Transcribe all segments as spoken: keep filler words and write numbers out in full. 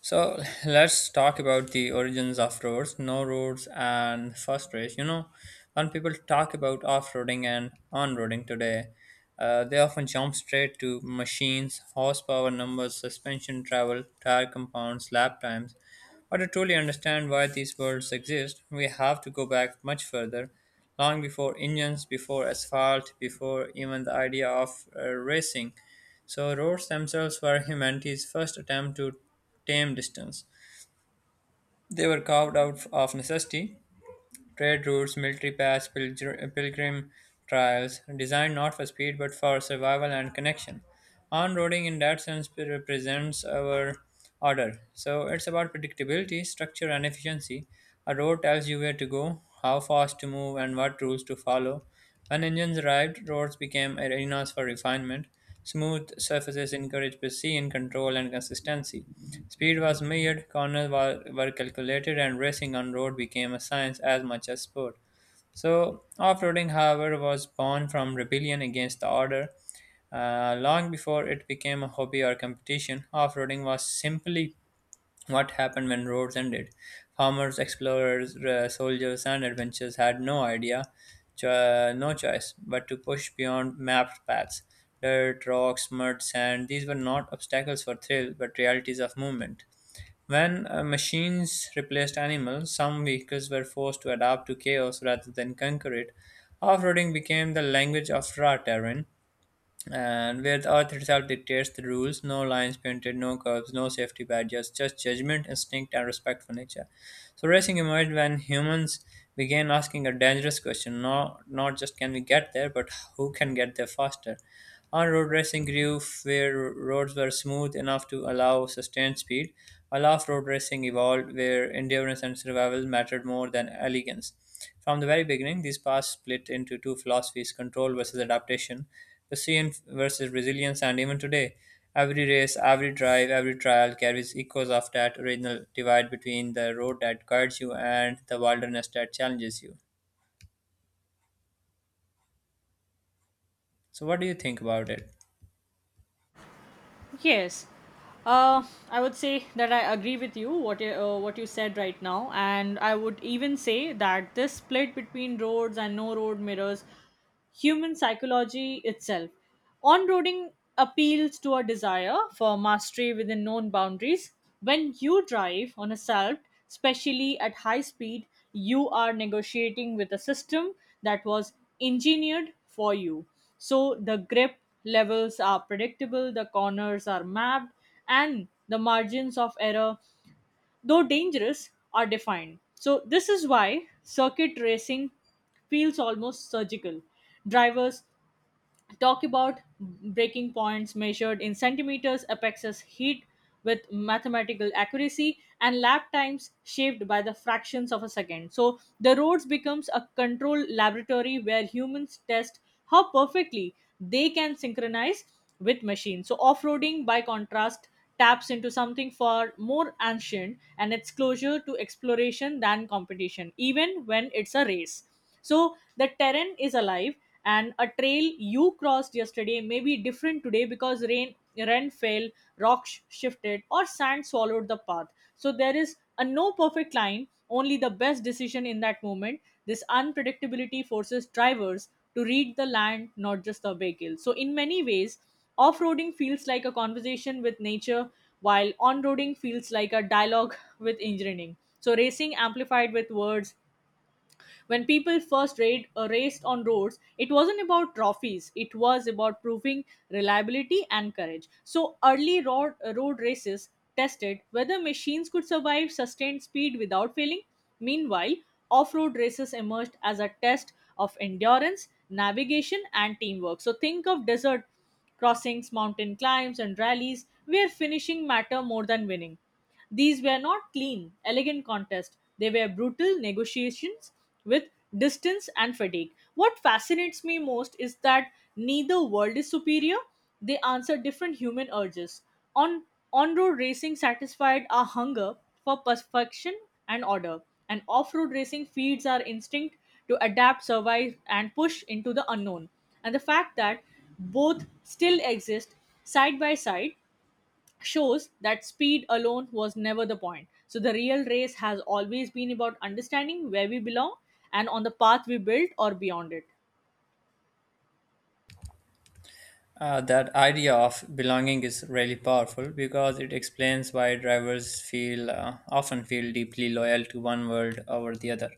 So let's talk about the origins of roads, no roads, and first race. You know, when people talk about off roading and on roading today, uh, they often jump straight to machines, horsepower numbers, suspension travel, tire compounds, lap times, but to truly understand why these worlds exist, we have to go back much further, long before engines, before asphalt, before even the idea of uh, racing. So, roads themselves were humanity's first attempt to tame distance. They were carved out of necessity. Trade routes, military paths, pilgr- pilgrim trials, designed not for speed but for survival and connection. On-roading in that sense represents our order. So it's about predictability, structure, and efficiency. A road tells you where to go, how fast to move, and what rules to follow. When engines arrived, roads became arenas for refinement. Smooth surfaces encouraged precision, control, and consistency. Speed was measured, corners were, were calculated, and racing on road became a science as much as sport. So, off-roading, however, was born from rebellion against the order. Uh, long before it became a hobby or competition, off-roading was simply what happened when roads ended. Farmers, explorers, uh, soldiers, and adventurers had no idea, cho- no choice but to push beyond mapped paths. Dirt, rocks, mud, sand, these were not obstacles for thrill, but realities of movement. When uh, machines replaced animals, some vehicles were forced to adapt to chaos rather than conquer it. Off-roading became the language of raw terrain, and where the earth itself dictates the rules, no lines painted, no curbs, no safety badges, just judgment, instinct, and respect for nature. So racing emerged when humans began asking a dangerous question, not, not just can we get there, but who can get there faster. On-road racing grew where roads were smooth enough to allow sustained speed, while off-road racing evolved where endurance and survival mattered more than elegance. From the very beginning, these paths split into two philosophies control versus adaptation, pursuit versus resilience, and even today, every race, every drive, every trial carries echoes of that original divide between the road that guides you and the wilderness that challenges you. So, what do you think about it? Yes, uh, I would say that I agree with you what you, uh, what you said right now, and I would even say that this split between roads and no road mirrors human psychology itself. On roading appeals to a desire for mastery within known boundaries. When you drive on a salt, especially at high speed, you are negotiating with a system that was engineered for you. So the grip levels are predictable, the corners are mapped, and the margins of error, though dangerous, are defined. So this is why circuit racing feels almost surgical. Drivers talk about breaking points measured in centimeters, apexes heat with mathematical accuracy, and lap times shaped by the fractions of a second. So the roads becomes a control laboratory where humans test how perfectly they can synchronize with machines. So off-roading, by contrast, taps into something far more ancient, and it's closer to exploration than competition, even when it's a race. So the terrain is alive, and a trail you crossed yesterday may be different today because rain rain fell, rocks shifted, or sand swallowed the path. So there is a no perfect line, only the best decision in that moment. This unpredictability forces drivers to read the land, not just the vehicle. So in many ways, off-roading feels like a conversation with nature, while on-roading feels like a dialogue with engineering. So racing amplified with words, when people first raid, uh, raced on roads, it wasn't about trophies, it was about proving reliability and courage. So early road, uh, road races tested whether machines could survive sustained speed without failing. Meanwhile, off-road races emerged as a test of endurance, navigation, and teamwork. So think of desert crossings, mountain climbs, and rallies where finishing matter more than winning. These were not clean, elegant contests. They were brutal negotiations with distance and fatigue. What fascinates me most is that neither world is superior. They answer different human urges. On on-road racing satisfied our hunger for perfection and order, and off-road racing feeds our instinct to adapt, survive, and push into the unknown. And the fact that both still exist side by side shows that speed alone was never the point. So the real race has always been about understanding where we belong, and on the path we built or beyond it. Uh, that idea of belonging is really powerful because it explains why drivers feel uh, often feel deeply loyal to one world over the other.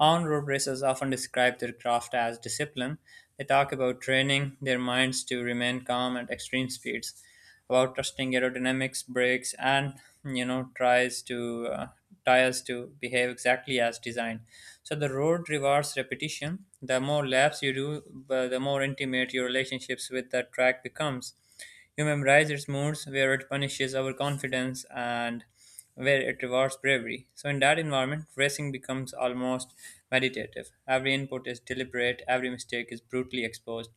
On-road racers often describe their craft as discipline. They talk about training their minds to remain calm at extreme speeds about trusting aerodynamics, brakes, and you know tries to uh, tires to behave exactly as designed. So the road rewards repetition. The more laps you do, uh, the more intimate your relationships with the track becomes. You memorize its moods, where it punishes overconfidence, and where it rewards bravery. So in that environment, racing becomes almost meditative. Every input is deliberate, every mistake is brutally exposed.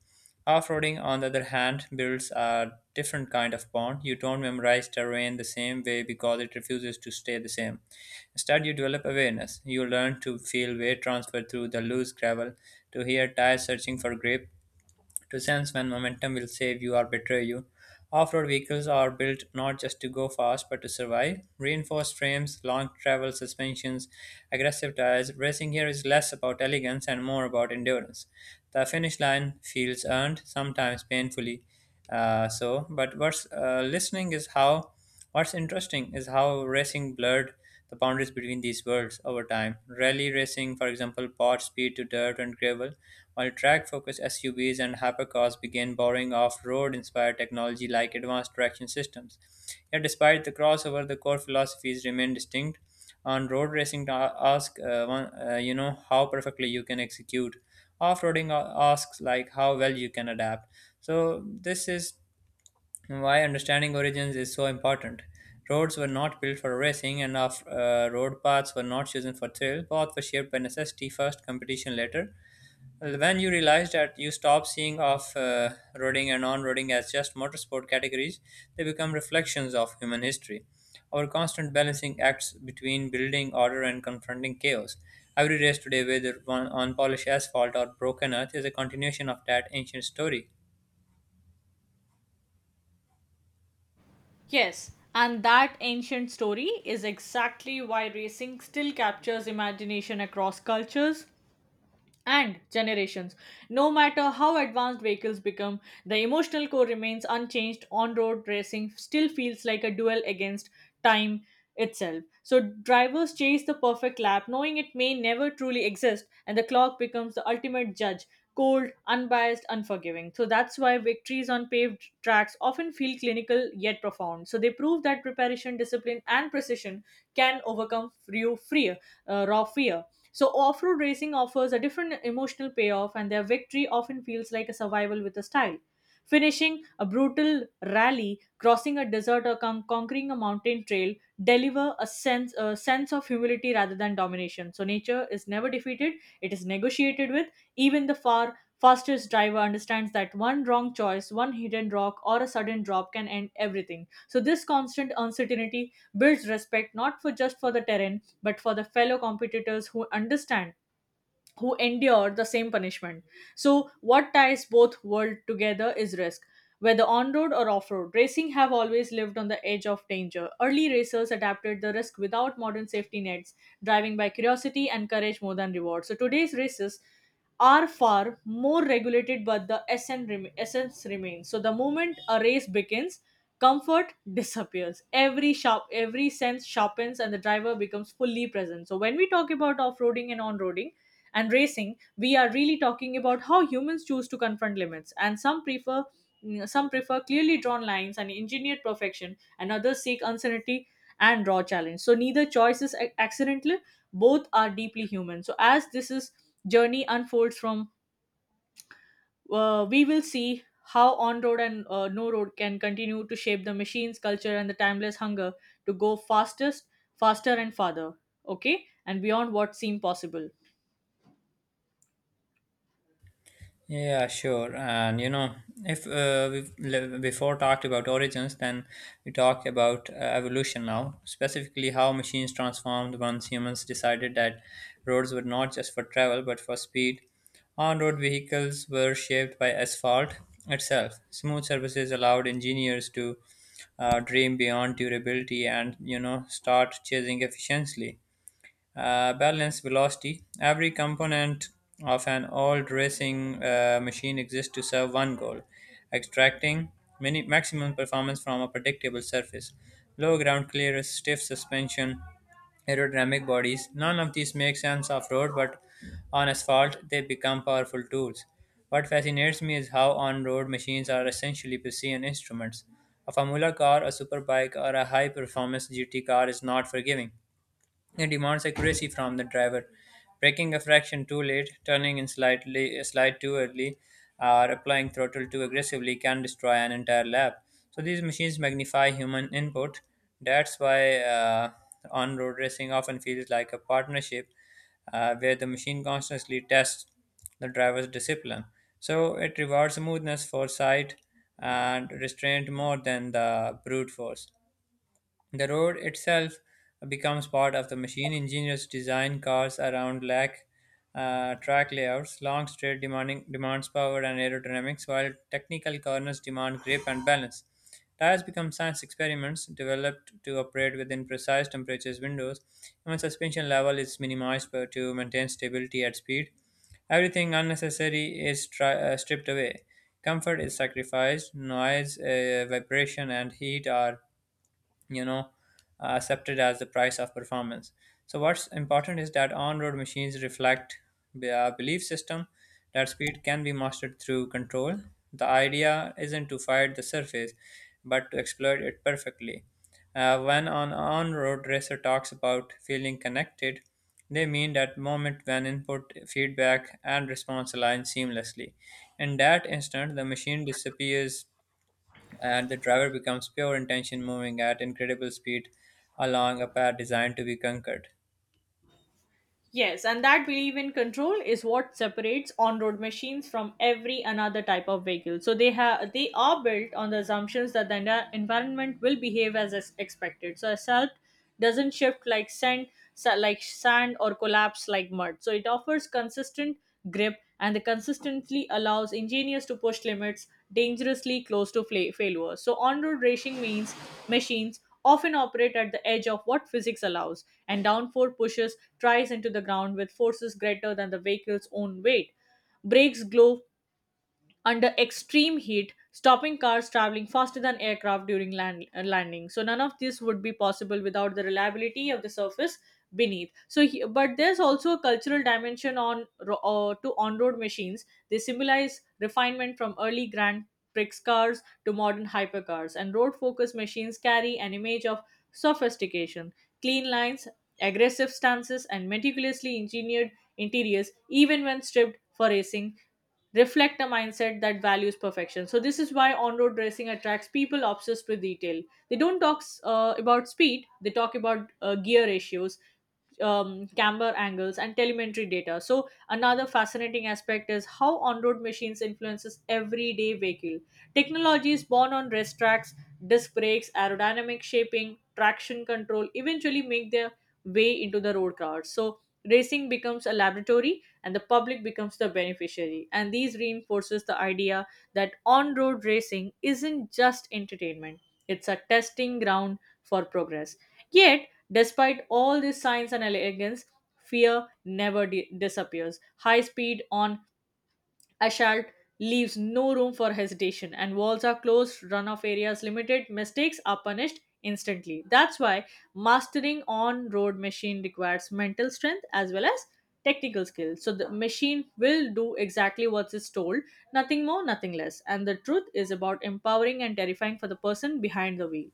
Off-roading, on the other hand, builds a different kind of bond. You don't memorize terrain the same way because it refuses to stay the same. Instead, you develop awareness. You learn to feel weight transfer through the loose gravel, to hear tires searching for grip, to sense when momentum will save you or betray you. Off road vehicles are built not just to go fast but to survive. Reinforced frames, long travel suspensions, aggressive tires, racing here is less about elegance and more about endurance. The finish line feels earned, sometimes painfully uh, so. But what's uh, listening is how, what's interesting is how racing blurred the boundaries between these worlds over time. Rally racing, for example, bought speed to dirt and gravel, while track-focused S U Vs and hypercars began borrowing off-road-inspired technology like advanced traction systems. Yet, despite the crossover, the core philosophies remain distinct. On road racing, ta- ask uh, one, uh, you know how perfectly you can execute. Off-roading uh, asks like how well you can adapt. So this is and why understanding origins is so important. Roads were not built for racing, and off uh, road paths were not chosen for thrill. Paths were shaped by necessity first, competition later. Well, when you realize that you stop seeing off uh, roading and on roading as just motorsport categories, they become reflections of human history. Our constant balancing acts between building order and confronting chaos. Every race today, whether on on polished asphalt or broken earth, is a continuation of that ancient story. Yes, and that ancient story is exactly why racing still captures imagination across cultures and generations. No matter how advanced vehicles become, the emotional core remains unchanged. On road racing still feels like a duel against time itself. So drivers chase the perfect lap, knowing it may never truly exist, and the clock becomes the ultimate judge. Cold, unbiased, unforgiving. So that's why victories on paved tracks often feel clinical yet profound. So they prove that preparation, discipline, and precision can overcome few fear, uh, raw fear. So off road racing offers a different emotional payoff, and their victory often feels like a survival with a style. Finishing a brutal rally, crossing a desert, or con- conquering a mountain trail deliver a sense, a sense of humility rather than domination. So nature is never defeated, it is negotiated with. Even the far fastest driver understands that one wrong choice, one hidden rock, or a sudden drop can end everything. So this constant uncertainty builds respect, not for just for the terrain but for the fellow competitors who understand who endure the same punishment. So what ties both world together is risk. Whether on road or off road, racing have always lived on the edge of danger. Early racers adapted the risk without modern safety nets, driving by curiosity and courage more than reward. So today's races are far more regulated, but the essence, rem- essence remains. So the moment a race begins, comfort disappears, every sharp every sense sharpens, and the driver becomes fully present. So when we talk about off-roading and on-roading and racing, we are really talking about how humans choose to confront limits. And some prefer mm, some prefer clearly drawn lines and engineered perfection, and others seek uncertainty and raw challenge. So neither choice is ac- accidental; both are deeply human. So as this is journey unfolds from, uh, we will see how on road and uh, no road can continue to shape the machine's culture and the timeless hunger to go fastest, faster and farther. Okay, and beyond what seemed possible. Yeah, sure. And you know, if uh, we've le- before talked about origins, then we talk about uh, evolution now, specifically how machines transformed once humans decided that roads were not just for travel but for speed. On road vehicles were shaped by asphalt itself. Smooth surfaces allowed engineers to uh, dream beyond durability and, you know, start chasing efficiency uh, balance, velocity. Every component of an old racing uh, machine exists to serve one goal extracting mini- maximum performance from a predictable surface. Low ground clearance, stiff suspension, aerodynamic bodies. None of these make sense off road, but on asphalt they become powerful tools. What fascinates me is how on road machines are essentially precision instruments. A Formula car, a superbike, or a high performance G T car is not forgiving. It demands accuracy from the driver. Braking a fraction too late, turning in slightly slide too early, or applying throttle too aggressively can destroy an entire lap. So these machines magnify human input. That's why uh, on-road racing often feels like a partnership uh, where the machine constantly tests the driver's discipline. So it rewards smoothness, foresight, and restraint more than the brute force. The road itself becomes part of the machine. Engineers design cars around lack uh, track layouts, long straight demanding demands power and aerodynamics, while technical corners demand grip and balance. Tires become science experiments developed to operate within precise temperatures windows. Even suspension level is minimized per- to maintain stability at speed. Everything unnecessary is tri- uh, stripped away. Comfort is sacrificed, noise, uh, vibration, and heat are you know uh, accepted as the price of performance. So what's important is that on-road machines reflect b- a belief system that speed can be mastered through control. The idea isn't to fight the surface but to exploit it perfectly. Uh, when an on-road racer talks about feeling connected, they mean that moment when input, feedback, and response align seamlessly. In that instant, the machine disappears and the driver becomes pure intention moving at incredible speed along a path designed to be conquered. Yes, and that belief in control is what separates on-road machines from every another type of vehicle. So they have they are built on the assumptions that the en- environment will behave as is expected. So a salt doesn't shift like sand, sa- like sand or collapse like mud. So it offers consistent grip, and the consistently allows engineers to push limits dangerously close to fla- failure. So on road racing means machines often operate at the edge of what physics allows, and downforce pushes tries into the ground with forces greater than the vehicle's own weight. Brakes glow under extreme heat, stopping cars traveling faster than aircraft during land, uh, landing. So none of this would be possible without the reliability of the surface beneath. So, he, but there's also a cultural dimension on ro- uh, to on-road machines. They symbolize refinement from early Grand Prix cars to modern hypercars, and road-focused machines carry an image of sophistication, clean lines, aggressive stances, and meticulously engineered interiors, even when stripped for racing, reflect a mindset that values perfection. So this is why on-road racing attracts people obsessed with detail. They don't talk uh, about speed; they talk about uh, gear ratios, um, camber angles, and telemetry data. So another fascinating aspect is how on-road machines influences everyday vehicle. Technology is born on race tracks. Disc brakes, aerodynamic shaping, traction control eventually make their way into the road cars. So racing becomes a laboratory, and the public becomes the beneficiary. And these reinforces the idea that on road racing isn't just entertainment, it's a testing ground for progress. Yet, despite all this science and elegance, fear never di- disappears. High speed on assault leaves no room for hesitation, and walls are closed, runoff areas limited, mistakes are punished instantly. That's why mastering on road machine requires mental strength as well as technical skill. So the machine will do exactly what is told, nothing more, nothing less, and the truth is about empowering and terrifying for the person behind the wheel.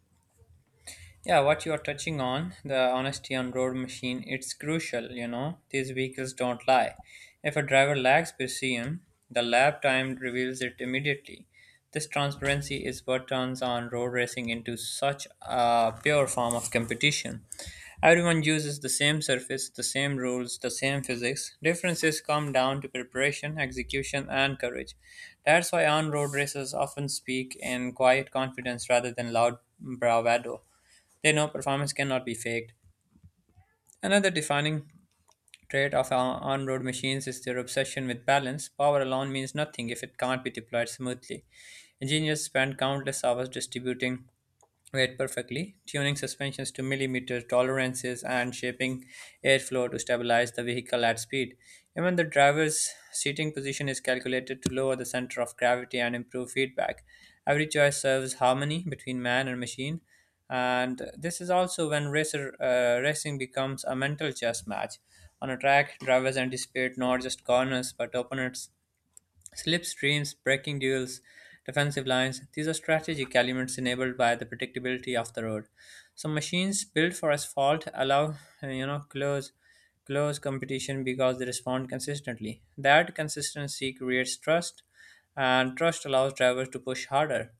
Yeah, what you are touching on, the honesty on road machine, it's crucial, you know. These vehicles don't lie. If a driver lacks P C M, the lap time reveals it immediately. This transparency is what turns on road racing into such a pure form of competition. Everyone uses the same surface, the same rules, the same physics. Differences come down to preparation, execution, and courage. That's why on road racers often speak in quiet confidence rather than loud bravado. They know performance cannot be faked. Another defining trait of on- on-road machines is their obsession with balance. Power alone means nothing if it can't be deployed smoothly. Engineers spend countless hours distributing weight perfectly, tuning suspensions to millimeter tolerances and shaping airflow to stabilize the vehicle at speed. Even the driver's seating position is calculated to lower the center of gravity and improve feedback. Every choice serves harmony between man and machine, and this is also when racer uh, racing becomes a mental chess match. On a track, drivers anticipate not just corners but opponents. Slipstreams, braking duels, defensive lines, these are strategic elements enabled by the predictability of the road. So machines built for asphalt allow uh, you know close close competition because they respond consistently. That consistency creates trust and trust allows drivers to push harder.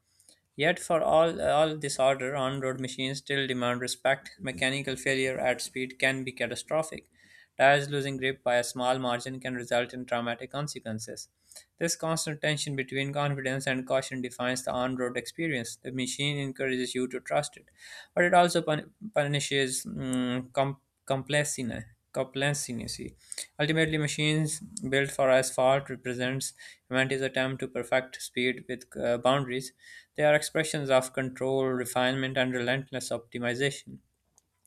Yet, for all, all this order, on road machines still demand respect. Mechanical failure at speed can be catastrophic. Tires losing grip by a small margin can result in traumatic consequences. This constant tension between confidence and caution defines the on road experience. The machine encourages you to trust it, but it also pun- punishes mm, com- complacency. Complacency. Ultimately, machines built for asphalt represents humanity's attempt to perfect speed with uh, boundaries. They are expressions of control, refinement, and relentless optimization.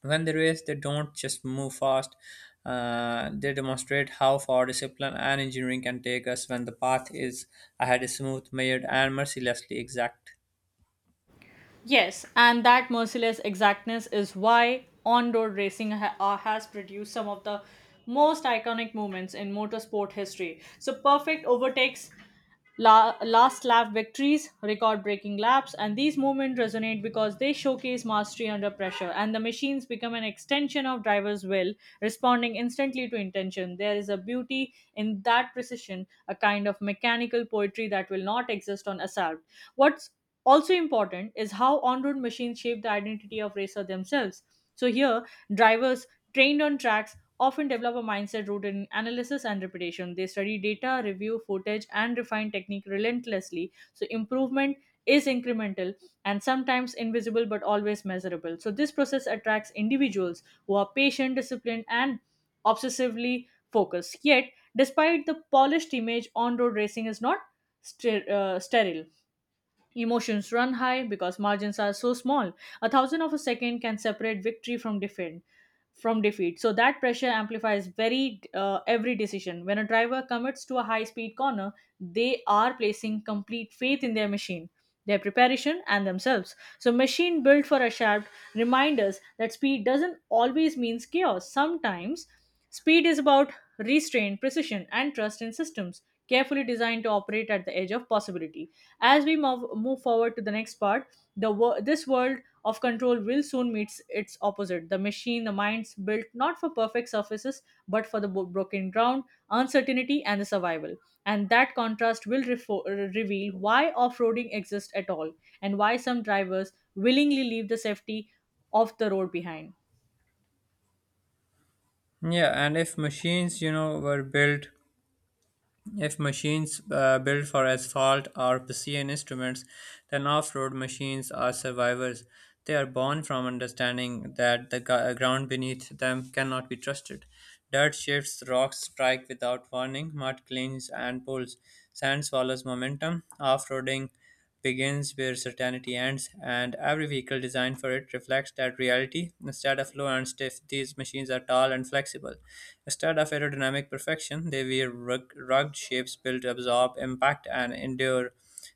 When they race, they don't just move fast. uh, they demonstrate how far discipline and engineering can take us when the path is ahead is smooth, measured, and mercilessly exact. Yes, and that merciless exactness is why on road racing ha- uh, has produced some of the most iconic moments in motorsport history. So perfect overtakes, la- last lap victories, record breaking laps, and these moments resonate because they showcase mastery under pressure, and the machines become an extension of drivers' will, responding instantly to intention. There is a beauty in that precision, a kind of mechanical poetry that will not exist on assault. What's also important is how on road machines shape the identity of racer themselves. So here, drivers trained on tracks often develop a mindset rooted in analysis and repetition. They study data, review footage, and refine technique relentlessly. So improvement is incremental and sometimes invisible but always measurable. So this process attracts individuals who are patient, disciplined, and obsessively focused. Yet, despite the polished image, on road racing is not ster- uh, sterile. Emotions run high because margins are so small. A thousand of a second can separate victory from defeat. From defeat, so that pressure amplifies very uh, every decision. When a driver commits to a high-speed corner, they are placing complete faith in their machine, their preparation, and themselves. So machine built for a shaft remind us that speed doesn't always means chaos. Sometimes speed is about restraint, precision, and trust in systems carefully designed to operate at the edge of possibility. As we mov- move forward to the next part, the wor- this world of control will soon meet its opposite. The machine, the minds built not for perfect surfaces but for the bo- broken ground, uncertainty, and the survival. And that contrast will refo- uh, reveal why off-roading exists at all and why some drivers willingly leave the safety of the road behind. Yeah, and if machines, you know, were built if machines uh, built for asphalt are precision instruments, then off road machines are survivors. They are born from understanding that the gu- ground beneath them cannot be trusted. Dirt shifts, rocks strike without warning, mud clings and pulls, sand swallows momentum. Off roading begins where certainty ends, and every vehicle designed for it reflects that reality. Instead of low and stiff, these machines are tall and flexible. Instead of aerodynamic perfection, they wear rug- rugged shapes built to absorb impact and endure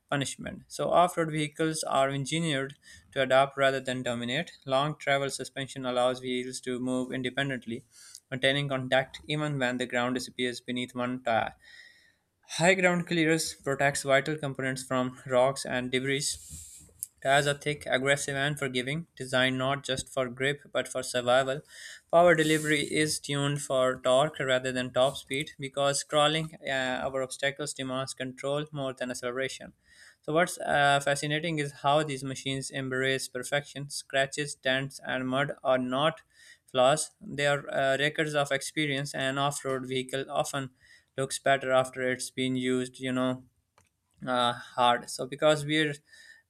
punishment. So, off road vehicles are engineered to adapt rather than dominate. Long travel suspension allows wheels to move independently, maintaining contact even when the ground disappears beneath one ti- High ground clearance protects vital components from rocks and debris. As a thick, aggressive, and forgiving, designed not just for grip but for survival, power delivery is tuned for torque rather than top speed because crawling uh, over obstacles demands control more than acceleration. So, what's uh, fascinating is how these machines embrace perfection. Scratches, dents, and mud are not flaws, they are uh, records of experience, and off road vehicle often looks better after it's been used, you know, uh, hard. So because wear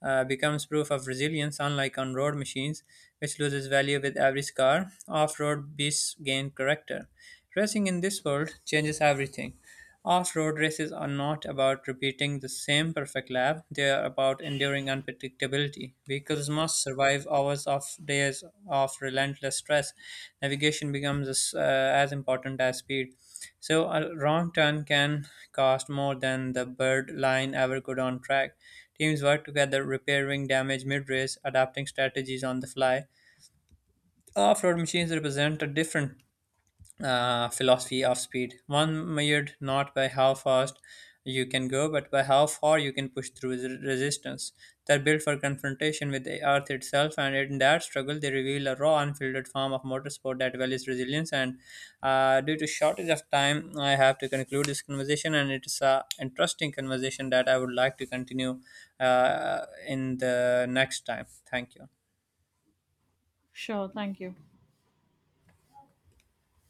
uh, becomes proof of resilience, unlike on road machines, which loses value with every scar, off-road beasts gain character. Racing in this world changes everything. Off-road races are not about repeating the same perfect lap; they are about enduring unpredictability predictability. Vehicles must survive hours of days of relentless stress. Navigation becomes as, uh, as important as speed. So a wrong turn can cost more than the bird line ever could on track. Teams work together, repairing damage mid-race, adapting strategies on the fly. Off-road machines represent a different uh, philosophy of speed. One measured not by how fast you can go, but by how far you can push through the resistance. They're built for confrontation with the earth itself, and in that struggle, they reveal a raw, unfiltered form of motorsport that values resilience. And uh, due to shortage of time, I have to conclude this conversation, and it's a interesting conversation that I would like to continue uh, in the next time. Thank you. Sure, thank you.